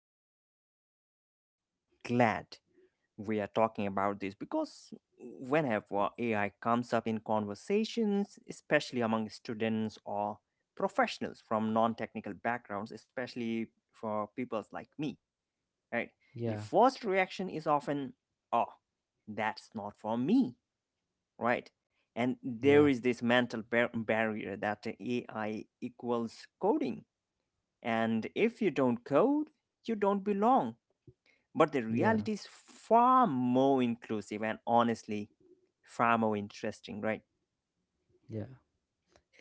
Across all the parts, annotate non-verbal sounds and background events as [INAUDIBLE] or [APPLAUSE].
absolutely, Ankit. And I'm glad we are talking about this because whenever AI comes up in conversations, especially among students or professionals from non technical backgrounds, especially for people like me, right? The Yeah, first reaction is often, oh, that's not for me, right? And there yeah, is this mental barrier that AI equals coding. And if you don't code, you don't belong. But the yeah, reality is far more inclusive and honestly, far more interesting, right? yeah.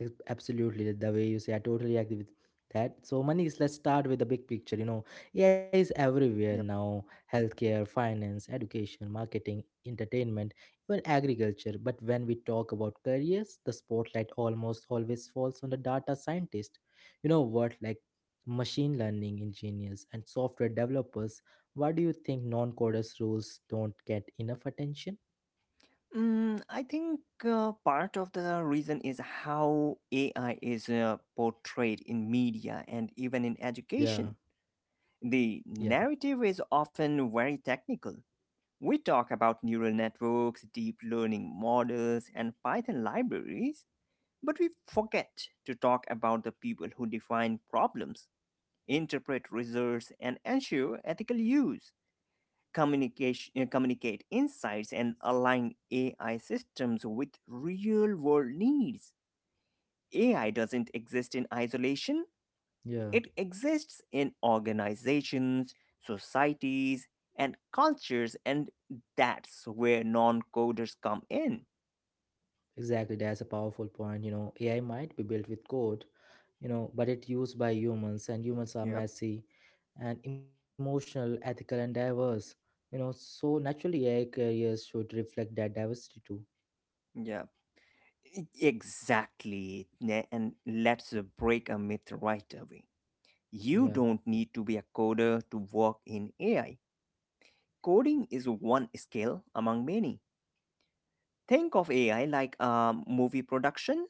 Absolutely, the way you say, I totally agree with that. So, Manish, let's start with the big picture. You know, AI is everywhere Yep. now: healthcare, finance, education, marketing, entertainment, even agriculture. But when we talk about careers, the spotlight almost always falls on the data scientist. You know what, like machine learning engineers and software developers. Why do you think non-coders roles don't get enough attention? I think part of the reason is how AI is portrayed in media and even in Yeah, education. The yeah, narrative is often very technical. We talk about neural networks, deep learning models, and Python libraries. But we forget to talk about the people who define problems, interpret results, and ensure ethical use, communicate insights, and align AI systems with real world needs. AI doesn't exist in isolation, yeah. it exists in organizations, societies, and cultures, and that's where non coders come in. Exactly, that's a powerful point. You know, AI might be built with code, but it's used by humans, and humans are Yep, messy and emotional, ethical, and diverse. You know, so naturally, AI careers should reflect that diversity too. yep. Exactly. And let's break a myth right away. You Yeah, don't need to be a coder to work in AI. Coding is one skill among many. Think of AI like a movie production.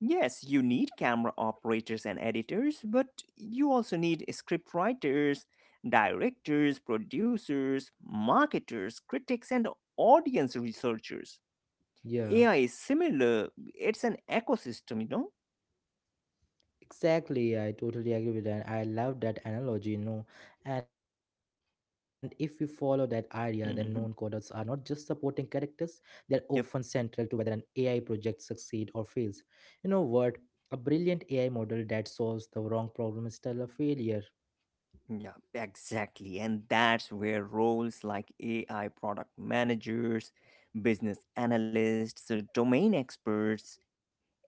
Yes, you need camera operators and editors, but you also need script writers, directors, producers, marketers, critics, and audience researchers. yeah. AI is similar, it's an ecosystem, you know? Exactly, I totally agree with that. I love that analogy, you know. And if we follow that idea, then known coders are not just Hmm. supporting characters, they're often Yep. central to whether an AI project succeeds or fails. You know what? A brilliant AI model that solves the wrong problem is still a failure. Yeah, exactly. And that's where roles like AI product managers, business analysts, domain experts,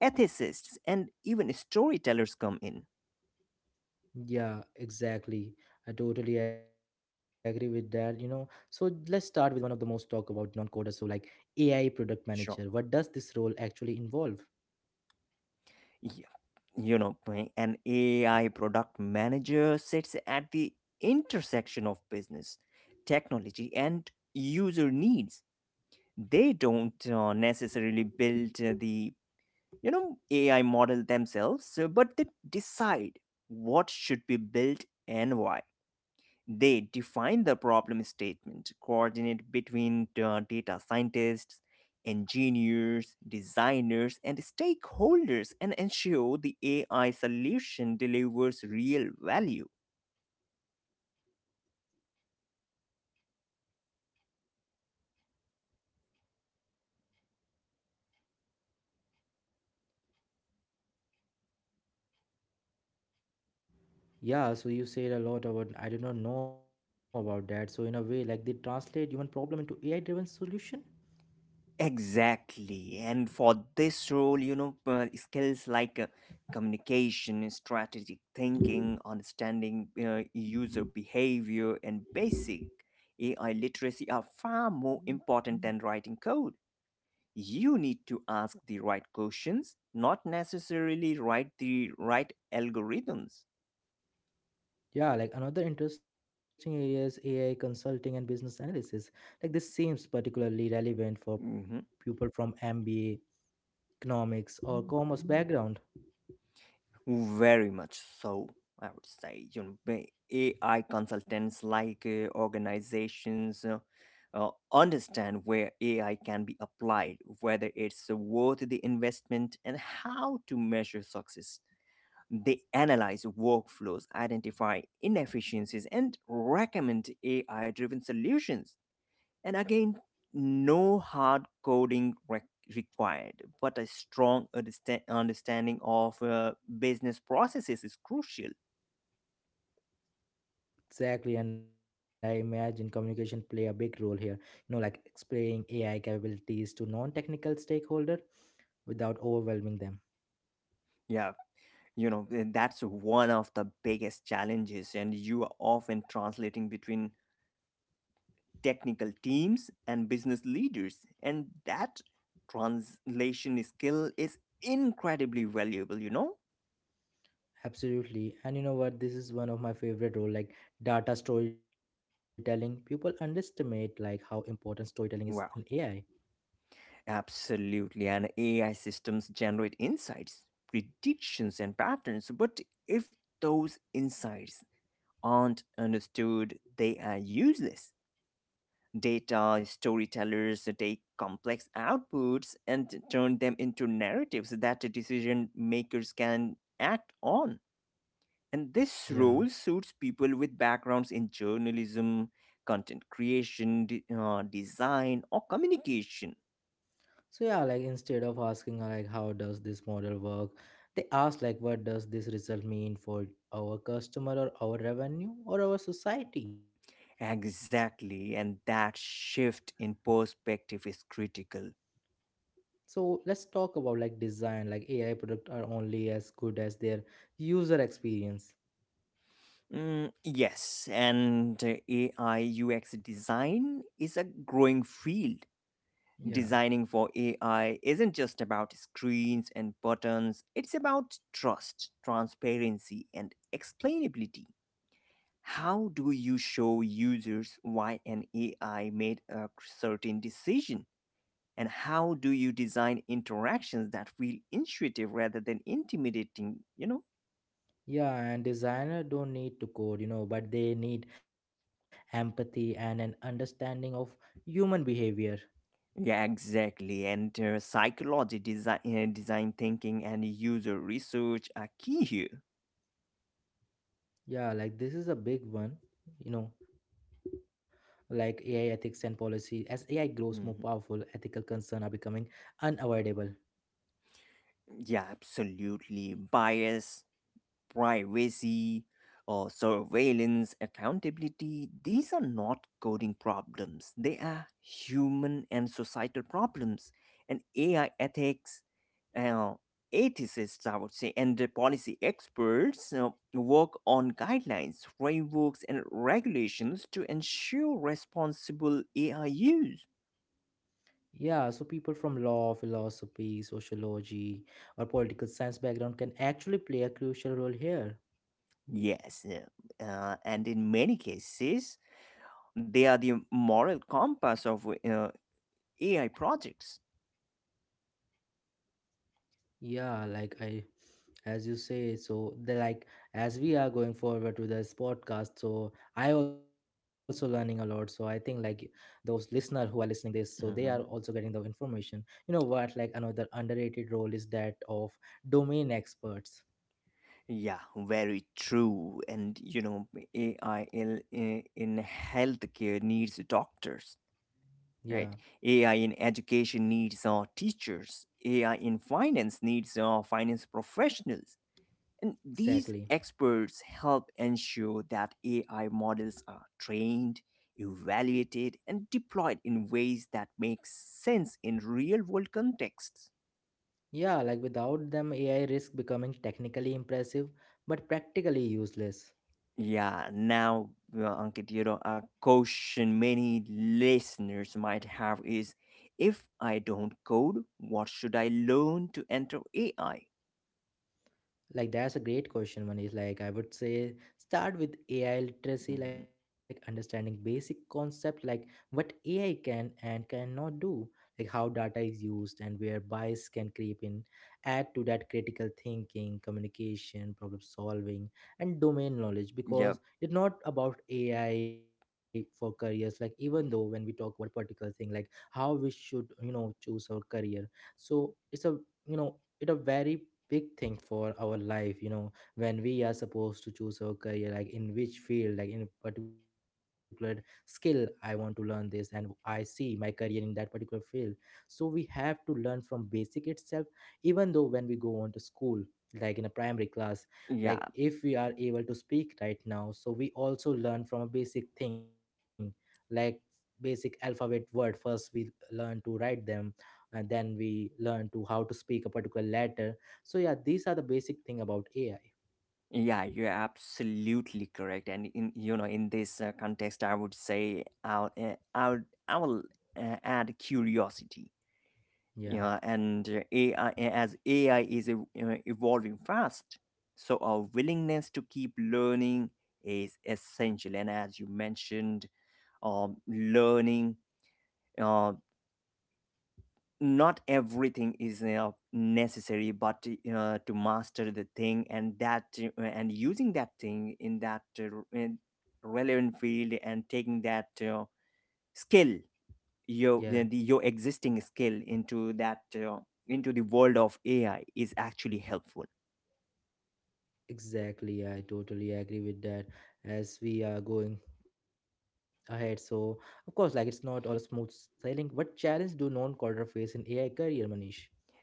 ethicists, and even storytellers come in. Yeah, exactly. I totally agree with that, you know. So let's start with one of the most talk about non coders, so like AI product manager. Sure. What does this role actually involve? Yeah. You know, an AI product manager sits at the intersection of business, technology, and user needs. They don't necessarily build the you know ai model themselves but they decide what should be built and why. They define the problem statement, coordinate between data scientists, engineers, designers, and stakeholders, and ensure the AI solution delivers real value. Yeah, so you said a lot about I did not know about that. So in a way, like they translate human problem into AI-driven solution. Exactly. And for this role, you know, skills like communication, strategic thinking, understanding user behavior, and basic AI literacy are far more important than writing code. You need to ask the right questions, not necessarily write the right algorithms. Yeah, like another interesting area is AI consulting and business analysis. Like this seems particularly relevant for Mm-hmm. people from MBA, economics, or commerce background. Very much so, I would say. You know, AI consultants like organizations understand where AI can be applied, whether it's worth the investment, and how to measure success. They analyze workflows, identify inefficiencies, and recommend AI driven solutions. And again, no hard coding required, but a strong understanding of business processes is crucial. Exactly, and I imagine communication play a big role here. You know, like explaining AI capabilities to non-technical stakeholder without overwhelming them. Yeah, you know, and that's one of the biggest challenges, and you are often translating between technical teams and business leaders, and that translation skill is incredibly valuable, you know? Absolutely. And you know what? This is one of my favorite role, like data storytelling. People underestimate like how important storytelling is in Wow. AI. Absolutely, and AI systems generate insights, predictions, and patterns. But if those insights aren't understood, they are useless. Data storytellers take complex outputs and turn them into narratives that decision makers can act on. And this Yeah. role suits people with backgrounds in journalism, content creation, design, or communication. So yeah, like instead of asking like how does this model work, they ask like what does this result mean for our customer or our revenue or our society? Exactly, and that shift in perspective is critical. So let's talk about like design, like AI product are only as good as their user experience. Yes, and AI UX design is a growing field. Yeah. Designing for AI isn't just about screens and buttons, it's about trust, transparency, and explainability. How do you show users why an AI made a certain decision? And how do you design interactions that feel intuitive rather than intimidating, you know? Yeah, and designer don't need to code, you know, but they need empathy and an understanding of human behavior. Yeah, exactly. And psychology, design, design thinking, and user research are key here. Yeah, like this is a big one, you know, like AI ethics and policy. As AI grows more powerful, Mhm. ethical concerns are becoming unavoidable. Yeah, absolutely. Bias, privacy, or surveillance, accountability, these are not coding problems. They are human and societal problems. And AI ethics, uh, ethicists, I would say, and the policy experts work on guidelines, frameworks, and regulations to ensure responsible AI use. Yeah, so people from law, philosophy, sociology, or political science background can actually play a crucial role here. Yes, and in many cases, they are the moral compass of AI projects. Yeah, like I, as you say, so the like as we are going forward to this podcast, so I also learning a lot. So I think like those listener who are listening this, so they are Hmm. also getting the information. You know what? Like another underrated role is that of domain experts. Yeah, very true. And you know, AI in, in healthcare needs doctors, Yeah, right? AI in education needs teachers. AI ex- in finance needs finance professionals. And these exactly. experts help ensure that AI models are trained, evaluated, and deployed in ways that make sense in real world contexts. Yeah, like without them, AI risk becoming technically impressive but practically useless. Yeah, now, Ankit, you know, a question many listeners might have is, if I don't code, what should I learn to enter AI? Like that's a great question. One is like I would say start with AI literacy, like Mhm. understanding basic concept, like what AI can and cannot do, like how data is used and where bias can creep in. Add to that critical thinking, communication, problem solving, and domain knowledge. Yep, Because it's not about AI for careers, like even though when we talk about particular thing, like how we should choose our career. So it's a you know it's a very big thing for our life, you know, when we are supposed to choose our career, like in which field, like in a particular skill. I want to learn this and I see my career in that particular field. So we have to learn from basic itself. Even though when we go on to school, like in a primary class, like yeah, if we are able to speak right now, so we also learn from a basic thing, like basic alphabet word. First we learn to write them, and then we learn to how to speak a particular letter. So yeah, these are the basic thing about AI. yeah, you're absolutely correct. And in you know, in this context, I would say I will add curiosity. Yeah, Yeah, and AI as AI is evolving fast, so our willingness to keep learning is essential. And as you mentioned, learning, uh, not everything is necessary, but to master the thing and that and using that thing in that r- in relevant field and taking that skill, yeah, your existing skill into that into the world of AI is actually helpful. exactly, I totally agree with that. As we are going ahead, so of course like it's not all a smooth sailing. What challenge do non-coder face in AI career, Manish?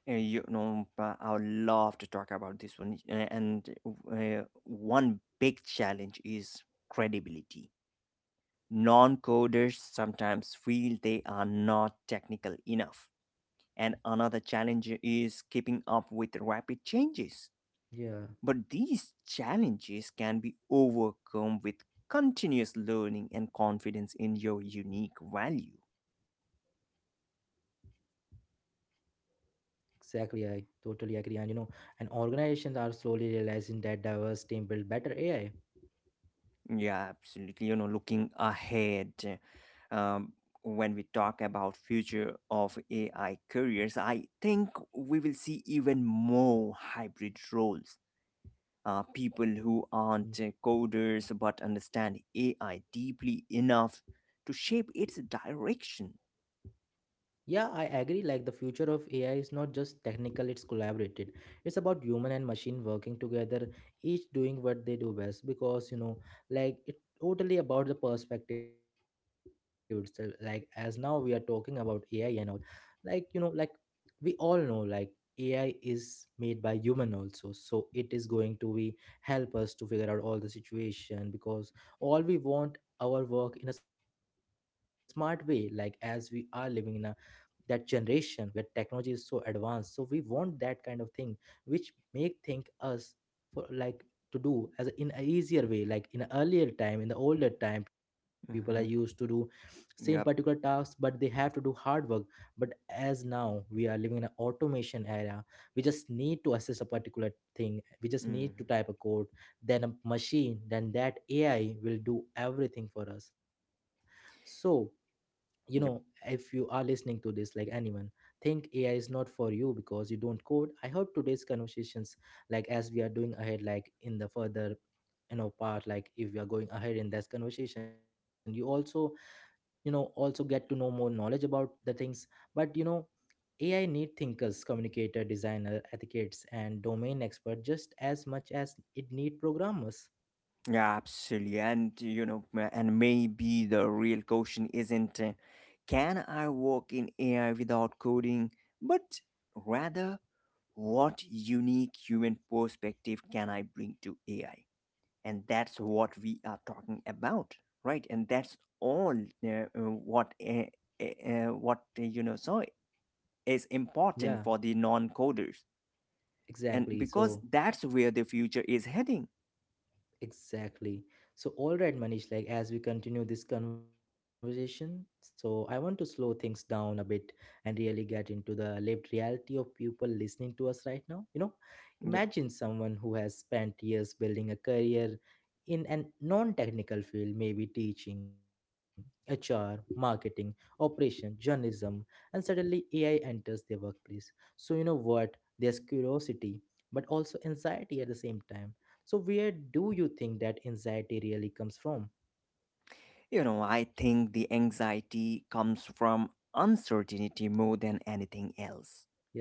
You know, I would love to talk about this one. And one big challenge is credibility. Non coders sometimes feel they are not technical enough. And another challenge is keeping up with rapid changes. Yeah, But these challenges can be overcome with continuous learning and confidence in your unique value. exactly, I totally agree. And you know, and organizations are slowly realizing that diverse team build better AI. Yeah, absolutely. You know, looking ahead, um, when we talk about future of AI careers, I think we will see even more hybrid roles. People who aren't coders but understand AI deeply enough to shape its direction. Yeah, I agree. Like the future of AI is not just technical, it's collaborated. It's about human and machine working together, each doing what they do best. Because, you know, like it totally about the perspective itself. Like as now we are talking about AI and all, like, like we all know like AI is made by human also. So it is going to be help us to figure out all the situation. Because all we want our work in a smart way, like as we are living in a that generation where technology is so advanced, so we want that kind of thing which make think us for like to do as a, in a easier way. Like in earlier time, in the older time, people are used to Mhm. do same particular Yep. tasks, but they have to do hard work. But as now we are living in an automation era, we just need to assess a particular thing, we just need to Mhm. type a code. Then a machine, then that AI will do everything for us. So you know, if Yep. you are listening to this, like anyone think AI is not for you because you don't code, I hope today's conversations, like as we are doing ahead, like in the further part, like if we are going ahead in this conversation, you also also get to know more knowledge about the things. But you know, AI need thinkers, communicator, designer, advocates, and domain expert just as much as it need programmers. Yeah, absolutely. And you know, and maybe the real question isn't, can I work in AI without coding, but rather, what unique human perspective can I bring to AI? And that's what we are talking about, right? And that's all uh, uh, what uh, what you know, so is Yeah, important for the non coders, and exactly, so. because that's where the future is heading. Exactly. So, all right, Manish, like as we continue this conversation, so I want to slow things down a bit and really get into the lived reality of people listening to us right now. You know, Yep. imagine someone who has spent years building a career in a non technical field, maybe teaching, HR, marketing, operation, journalism, and suddenly AI enters their workplace. So, you know what? There's curiosity, but also anxiety at the same time. So where do you think that anxiety really comes from? You know, I think the anxiety comes from uncertainty more than anything else. Yeah,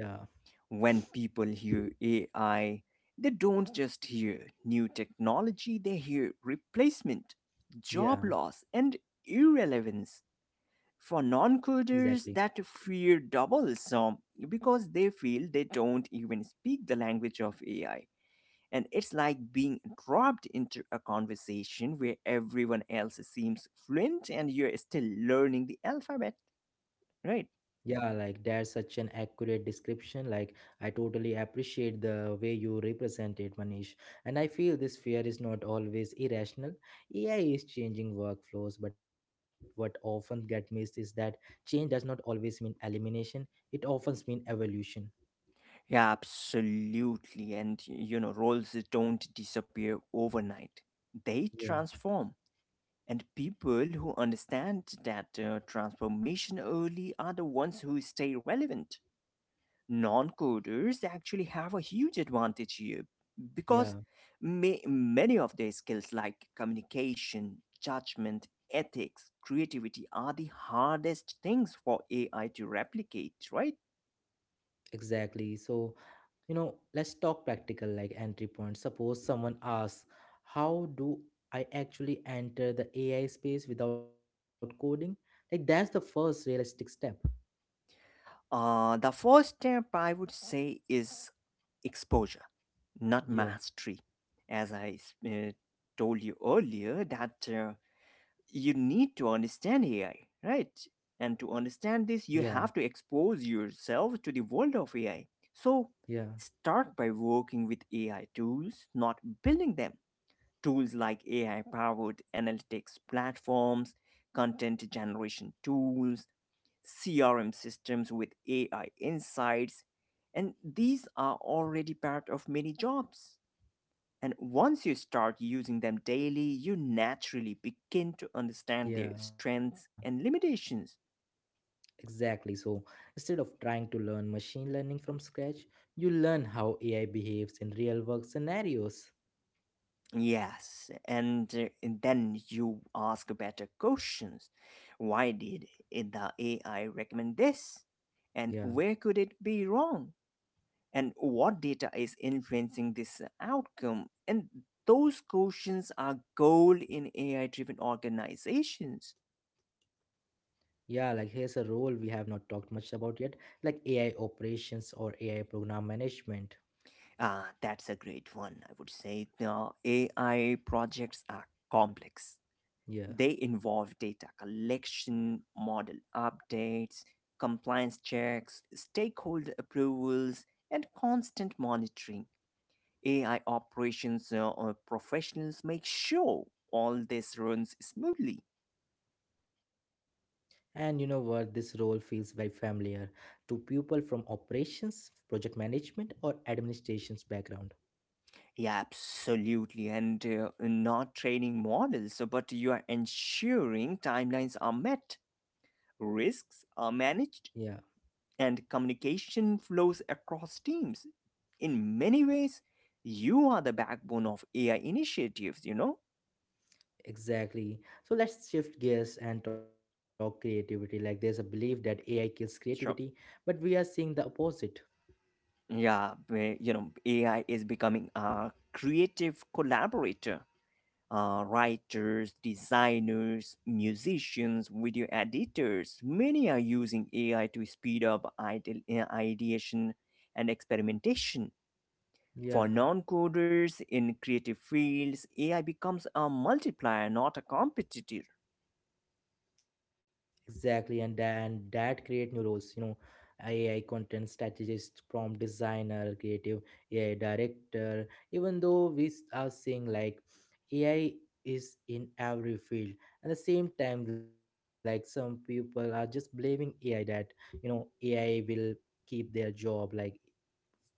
When people hear AI, they don't just hear new technology, they hear replacement, job yeah, loss, and irrelevance. For non exactly. coders, that fear doubles because they feel they don't even speak the language of AI. And it's like being dropped into a conversation where everyone else seems fluent and you're still learning the alphabet, right? Yeah, like that's such an accurate description. Like I totally appreciate the way you represent it, Manish. And I feel this fear is not always irrational. AI is changing workflows, but what often get missed is that change does not always mean elimination. It often means evolution. Yeah, absolutely. And you know, roles don't disappear overnight, they Yeah, transform. And people who understand that transformation early are the ones who stay relevant. Non coders actually have a huge advantage here because yeah, many of their skills, like communication, judgment, ethics, creativity, are the hardest things for AI to replicate, right? exactly. So you know, let's talk practical, like entry point. Suppose someone asks, how do I actually enter the AI space without coding? Like that's the first realistic step. The first step I would say is exposure, not Yeah, mastery. As I told you earlier, that. You need to understand AI, right? And yeah, to understand this, you have to expose yourself to the world of AI. So yeah, start by working with AI tools, not building them. Tools like AI powered analytics platforms, content generation tools, CRM systems with AI insights, and these are already part of many jobs. And once you start using them daily, you naturally begin to understand their yeah, strengths and limitations. exactly. So instead of trying to learn machine learning from scratch, you learn how AI behaves in real work scenarios. Yes, and then you ask better questions. Why did the AI recommend this? And Yeah. where could it be wrong? And what data is influencing this outcome? And those questions are gold in AI driven organizations. Yeah, like here's a role we have not talked much about yet, like AI operations or AI program management. Ah, that's a great one. I would say the AI projects are complex. They Yeah. involve data collection, model updates, compliance checks, stakeholder approvals, and constant monitoring. AI operations professionals make sure all this runs smoothly. And you know what? This role feels very familiar to people from operations, project management, or administration's background. Yeah, absolutely. And not training models, but you are ensuring timelines are met, risks are managed, Yeah, and communication flows across teams. In many ways, you are the backbone of AI initiatives, you know? exactly. So let's shift gears and talk creativity. Like there's a belief that AI kills creativity, Sure. but we are seeing the opposite. Yeah, you know, AI is becoming a creative collaborator. Writers, designers, musicians, video editors, many are using AI to speed up ideation and experimentation. For Yeah. non coders in creative fields, AI becomes a multiplier, not a competitor. Exactly, and then that create new roles, you know, AI content strategist, prompt designer, creative AI director. Even though we are seeing like AI is in every field, at the same time, like some people are just blaming AI that you know AI will keep their job, like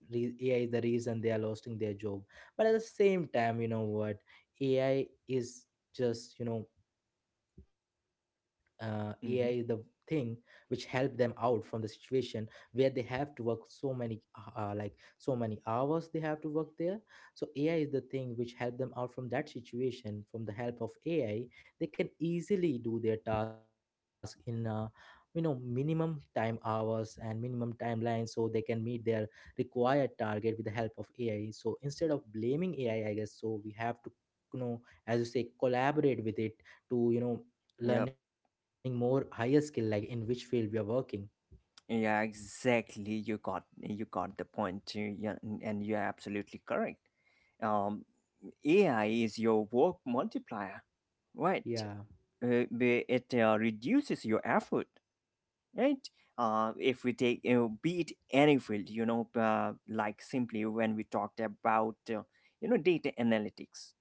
AI is the reason they are losing their job. But at the same time, you know what, AI is just you know uh, AI is the Mhm. thing which help them out from the situation where they have to work so many uh, like so many hours they have to work there. So AI is the thing which help them out from that situation. From the help of AI they can easily do their task in minimum time hours and minimum timeline, so they can meet their required target with the help of ai. So instead of blaming AI, I guess so we have to, you know as you say, collaborate with it to Yep. learning more higher skill like in which field we are working. Yeah, exactly. You got the point. Yeah, and you're absolutely correct. Um, AI is your work multiplier, right? Yeah, It reduces your effort, right? If we take, you know, be it any field, you know, like simply when we talked about, you know, data analytics,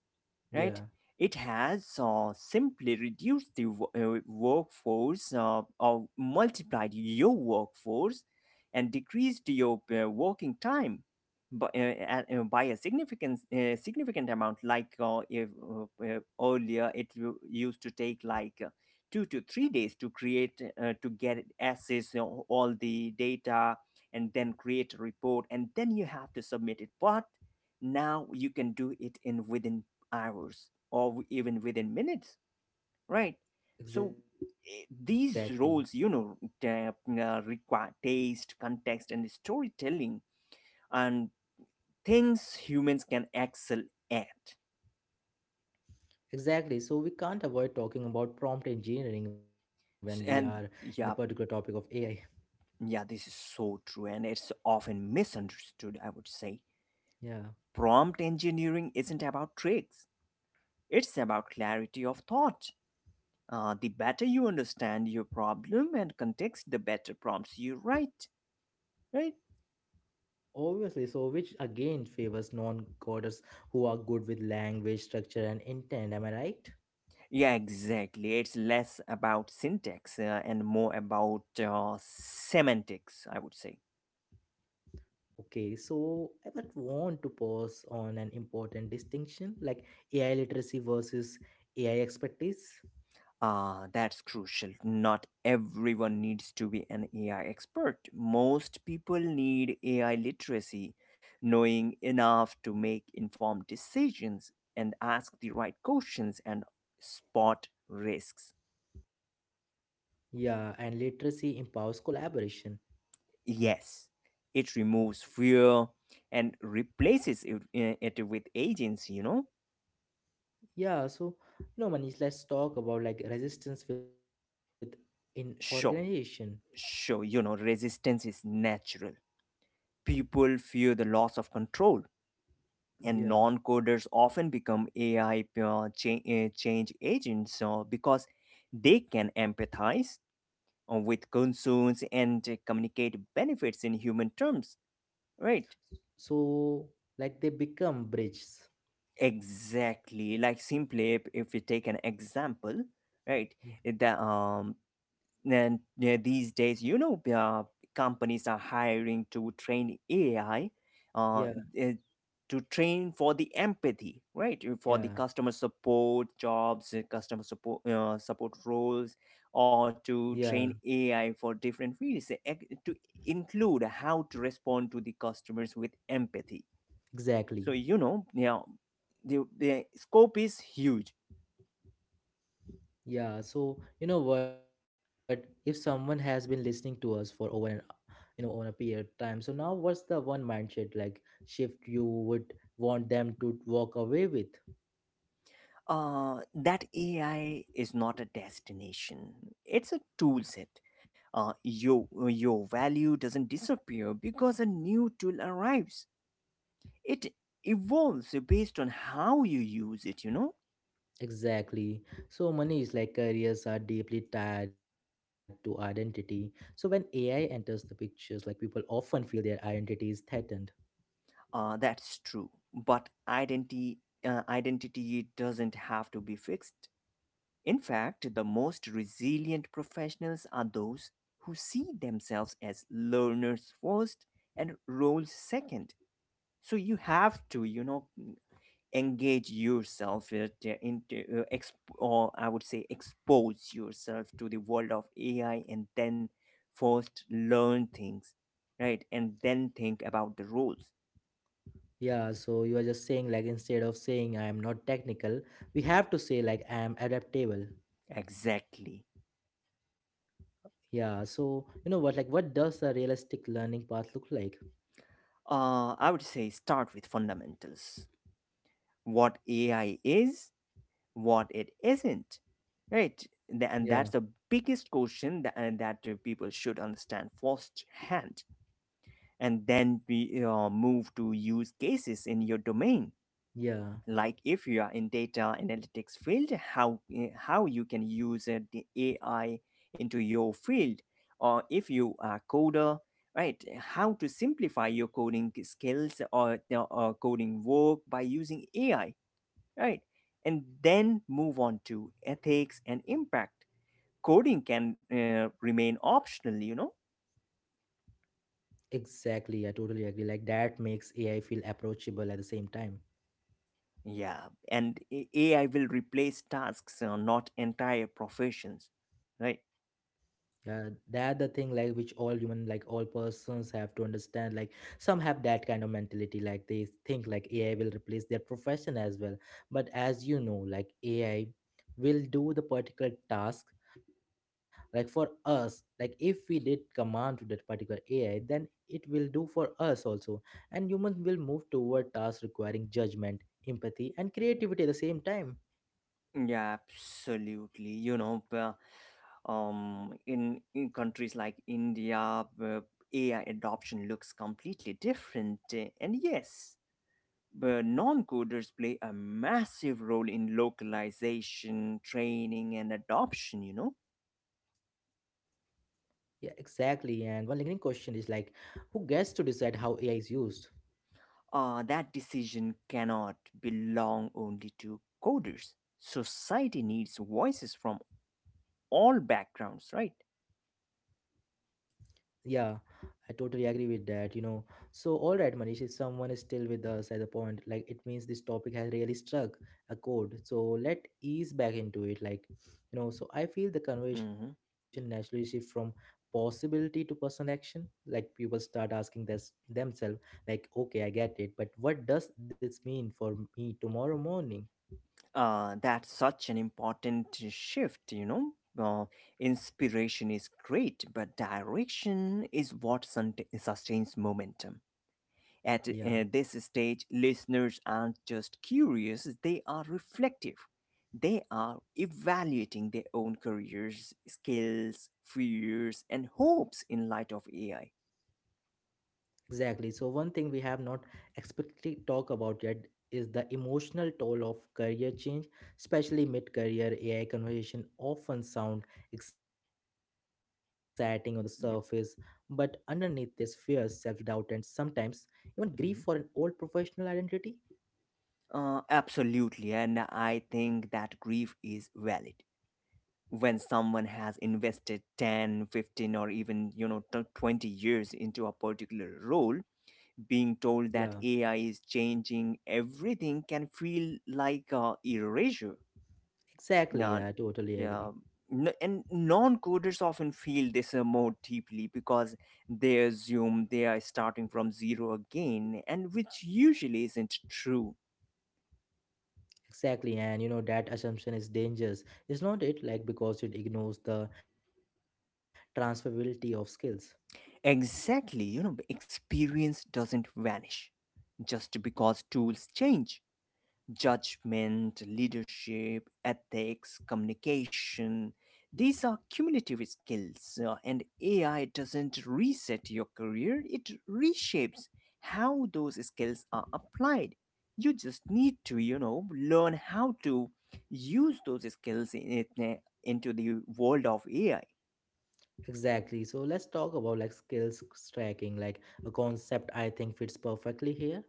right? yeah. It has simply reduced the workforce or multiplied your workforce and decreased your working time by, by a significant amount. Like if earlier, it used to take like 2 to 3 days to create to get access you know, all the data and then create a report and then you have to submit it. But now you can do it in within hours or even within minutes, right? So Exactly. These roles, you know, require taste, context and storytelling, and things humans can excel at. Exactly, so we can't avoid talking about prompt engineering when we are S- in a and particular topic yeah, of AI. yeah, this is so true, and it's often misunderstood, I would say. [LAUGHS] Yeah, Prompt engineering isn't about tricks, it's about clarity of thought. The better you understand your problem and context, the better prompts you write, right? obviously, so which again favors non-coders who are good with language structure and intent, am I right? Yeah, exactly. It's less about syntax and more about semantics, I would say. Okay, so I would want to pause on an important distinction, like AI literacy versus AI expertise. Ah, that's crucial. Not everyone needs to be an AI expert. Most people need AI literacy, knowing enough to make informed decisions and ask the right questions and spot risks. Yeah, and literacy empowers collaboration. Yes, it removes fear and replaces it, it with agents, you know? Yeah, so you know, Manish, let's talk about like resistance with in organization. Sure. Sure, you know, resistance is natural. People fear the loss of control, and Yeah. non coders often become AI change agents because they can empathize with concerns and communicate benefits in human terms, right? So like they become bridges. Exactly. Like simply, if we take an example, right? Yeah. The, um, And yeah, these days, you know, companies are hiring to train AI, uh, Yeah. eh, to train for the empathy, right? For the Yeah. customer support jobs, customer support support roles, or Yeah. to train AI for different fields, to include how to respond to the customers with empathy. So Exactly. you know, yeah, the scope is huge. Yeah. So you know what? If someone has been listening to us for over an you know over a period of time, so now what's the one mindset like shift you would want them to walk away with? That AI is not a destination. It's a tool set. Your your value doesn't disappear because a new tool arrives. It evolves based on how you use it, you know? Exactly. So money is like careers are deeply tied to identity. So when AI enters the pictures, like people often feel their identity is threatened. That's true. But identity doesn't have to be fixed. In fact, the most resilient professionals are those who see themselves as learners first and roles second. So you have to, you know, engage yourself into exp- or I would say expose yourself to the world of AI, and then first learn things, right, and then think about the rules. Yeah, so you are just saying like instead of saying I am not technical, we have to say like I am adaptable. Exactly. Yeah, so you know what, like what does a realistic learning path look like? I would say start with fundamentals: what AI is, what it isn't, right? And Yeah, that's the biggest question, that people should understand first hand. And then we move to use cases in your domain, yeah. like if you are in data analytics field, how you can use the AI into your field, or if you are coder, right, how to simplify your coding skills, or coding work by using AI, right, and then move on to ethics and impact. Coding can remain optional, you know. Exactly. I totally agree. Like that makes AI feel approachable at the same time. Yeah, and AI will replace tasks, not entire professions, right? Yeah, that the thing like which all human, like all persons have to understand. Like some have that kind of mentality, like they think like AI will replace their profession as well. But as you know, like AI will do the particular task, like for us, like if we did command to that particular AI, then it will do for us also. And humans will move toward tasks requiring judgment, empathy and creativity at the same time. Yeah, absolutely. You know, in countries like India, AI adoption looks completely different. And yes, but non-coders play a massive role in localization, training, and adoption. You know, Yeah, exactly. And one lingering question is like, who gets to decide how AI is used? That decision cannot belong only to coders. Society needs voices from all backgrounds, right? Yeah, I totally agree with that, you know. So, all right, Manish, if someone is still with us at the point, like it means this topic has really struck a chord. So, let ease back into it. Like, you know, so I feel the conversation Hmm. naturally shift from possibility to personal action. Like, people start asking this themselves, like, okay, I get it, but what does this mean for me tomorrow morning? That's such an important shift, you know. Uh, Inspiration is great, but direction is what sustains momentum. Yeah. At this stage, listeners aren't just curious, they are reflective. They are evaluating their own careers, skills, fears, and hopes in light of AI. Exactly. So one thing we have not explicitly talked about yet is the emotional toll of career change, especially mid-career AI conversation often sound exciting on the surface, but Yep. underneath this fear, self-doubt, and sometimes even grief for an old Mhm. professional identity. Absolutely, and I think that grief is valid. When someone has invested 10, 15, or even 20 years into a particular role, being Yeah, told that AI is changing everything can feel like erasure. exactly. Now, Yeah, I totally yeah, agree. And non-coders often feel this more deeply because they assume they are starting from zero again, and which usually isn't true. Exactly, and you know that assumption is dangerous, is not it? Like because it ignores the transferability of skills. Exactly, you know, experience doesn't vanish just because tools change. Judgment, leadership, ethics, communication. These are cumulative skills, and AI doesn't reset your career, it reshapes how those skills are applied. You just need to, you know, learn how to use those skills into the world of AI. Exactly. So let's talk about like skills stacking, like a concept I think fits perfectly here.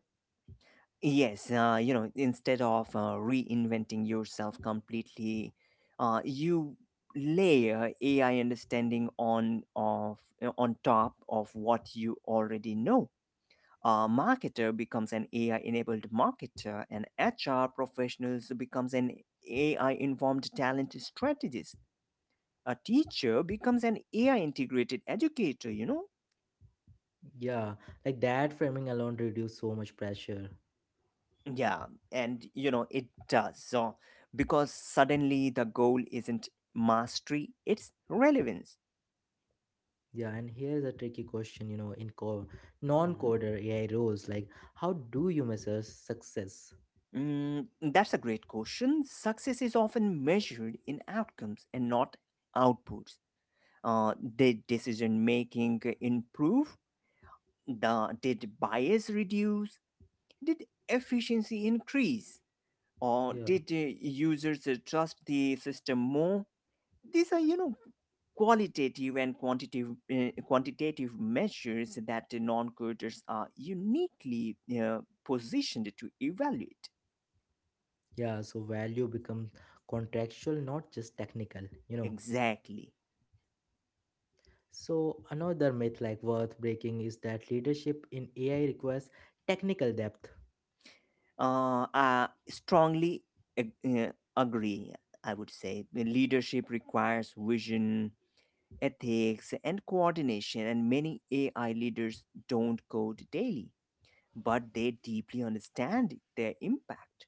Yes, you know, instead of reinventing yourself completely, you layer AI understanding on top of what you already know. A marketer becomes an AI-enabled marketer, and HR professionals becomes an AI-informed talent strategist. A teacher becomes an AI-integrated educator. You know, Yeah, like that framing alone reduce so much pressure. yeah, and you know, it does. So, because suddenly the goal isn't mastery, it's relevance. Yeah, and here's a tricky question, you know, in Mhm. non-coder AI roles, like how do you measure success? Mm, that's a great question. Success is often measured in outcomes and not outputs. Did decision making improve? Did bias reduce? Did efficiency increase? Or Yeah, did users trust the system more? These are, you know, qualitative and quantitative measures that the non-coders are uniquely positioned to evaluate. yeah. So value becomes contractual, not just technical, you know. Exactly. So another myth like worth breaking is that leadership in AI requires technical depth. I strongly agree. I would say the leadership requires vision, ethics and coordination, and many AI leaders don't code daily, but they deeply understand their impact.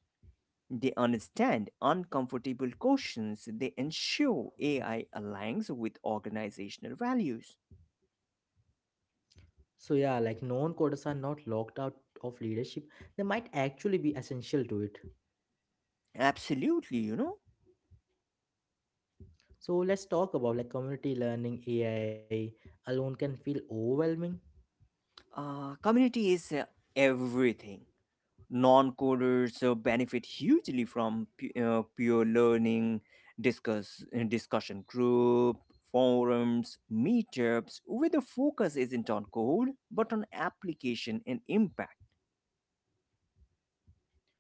They understand uncomfortable questions. They ensure AI aligns with organizational values. So yeah, like non coders are not locked out of leadership, they might actually be essential to it. Absolutely, you know. So let's talk about like community learning AI alone can feel overwhelming. Community is everything. Non coders benefit hugely from peer learning, discussion group, forums, meetups, where the focus isn't on code but on application and impact.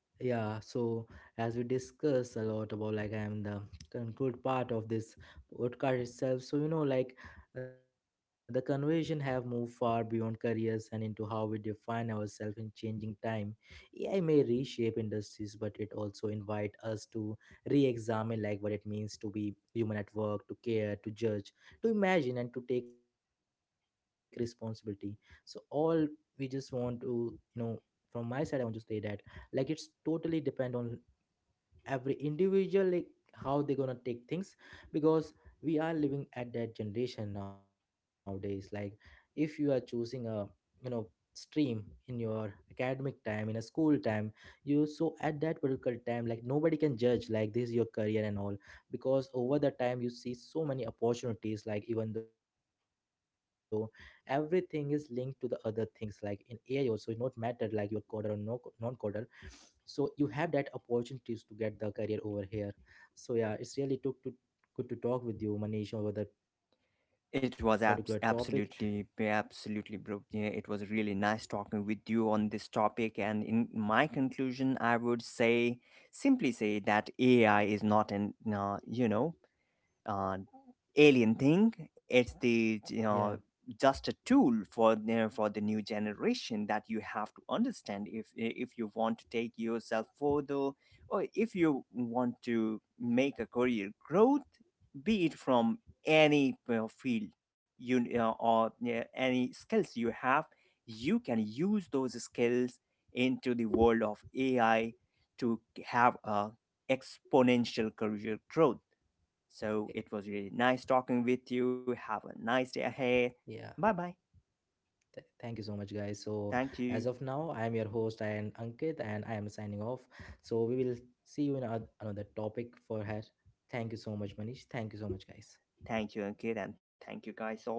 Yeah, so as we discuss a lot about like I am the conclude part of this podcast itself. So you know, like the conversation have moved far beyond careers and into how we define ourselves in changing time. AI may reshape industries, but it also invite us to re-examine like what it means to be human at work, to care, to judge, to imagine, and to take responsibility. So all we just want to from my side, I want to say that like it's totally depend on every individual, like how they gonna take things, because we are living at that generation nowadays. Like if you are choosing a you know stream in your academic time in a school time, you so at that particular time, like nobody can judge like this is your career and all, because over the time you see so many opportunities. Like even though everything is linked to the other things, like in AI also it not matter like you are coder or no non coder, so you have that opportunities to get the career over here. So yeah, it's really took to good to talk with you Manish over that It was particular topic. absolutely, absolutely, bro. Yeah, it was really nice talking with you on this topic. And in my conclusion, I would say simply say that AI is not an, uh, alien thing. It's the, you know, Yeah, just a tool for for the new generation that you have to understand if you want to take yourself further, or if you want to make a career growth, be it from any field you or, yeah, any skills you have, you can use those skills into the world of AI to have a exponential career growth. So it was really eh, nice talking with you. Have a nice day ahead. yeah. Bye bye. Thank you so much guys. Thank So you. as of now I am your host, I am Ankit, and I am signing off. So we will see you in another topic for her. Thank you so much Manish, thank you so much Thank you, guys. Ankit, and thank you guys all.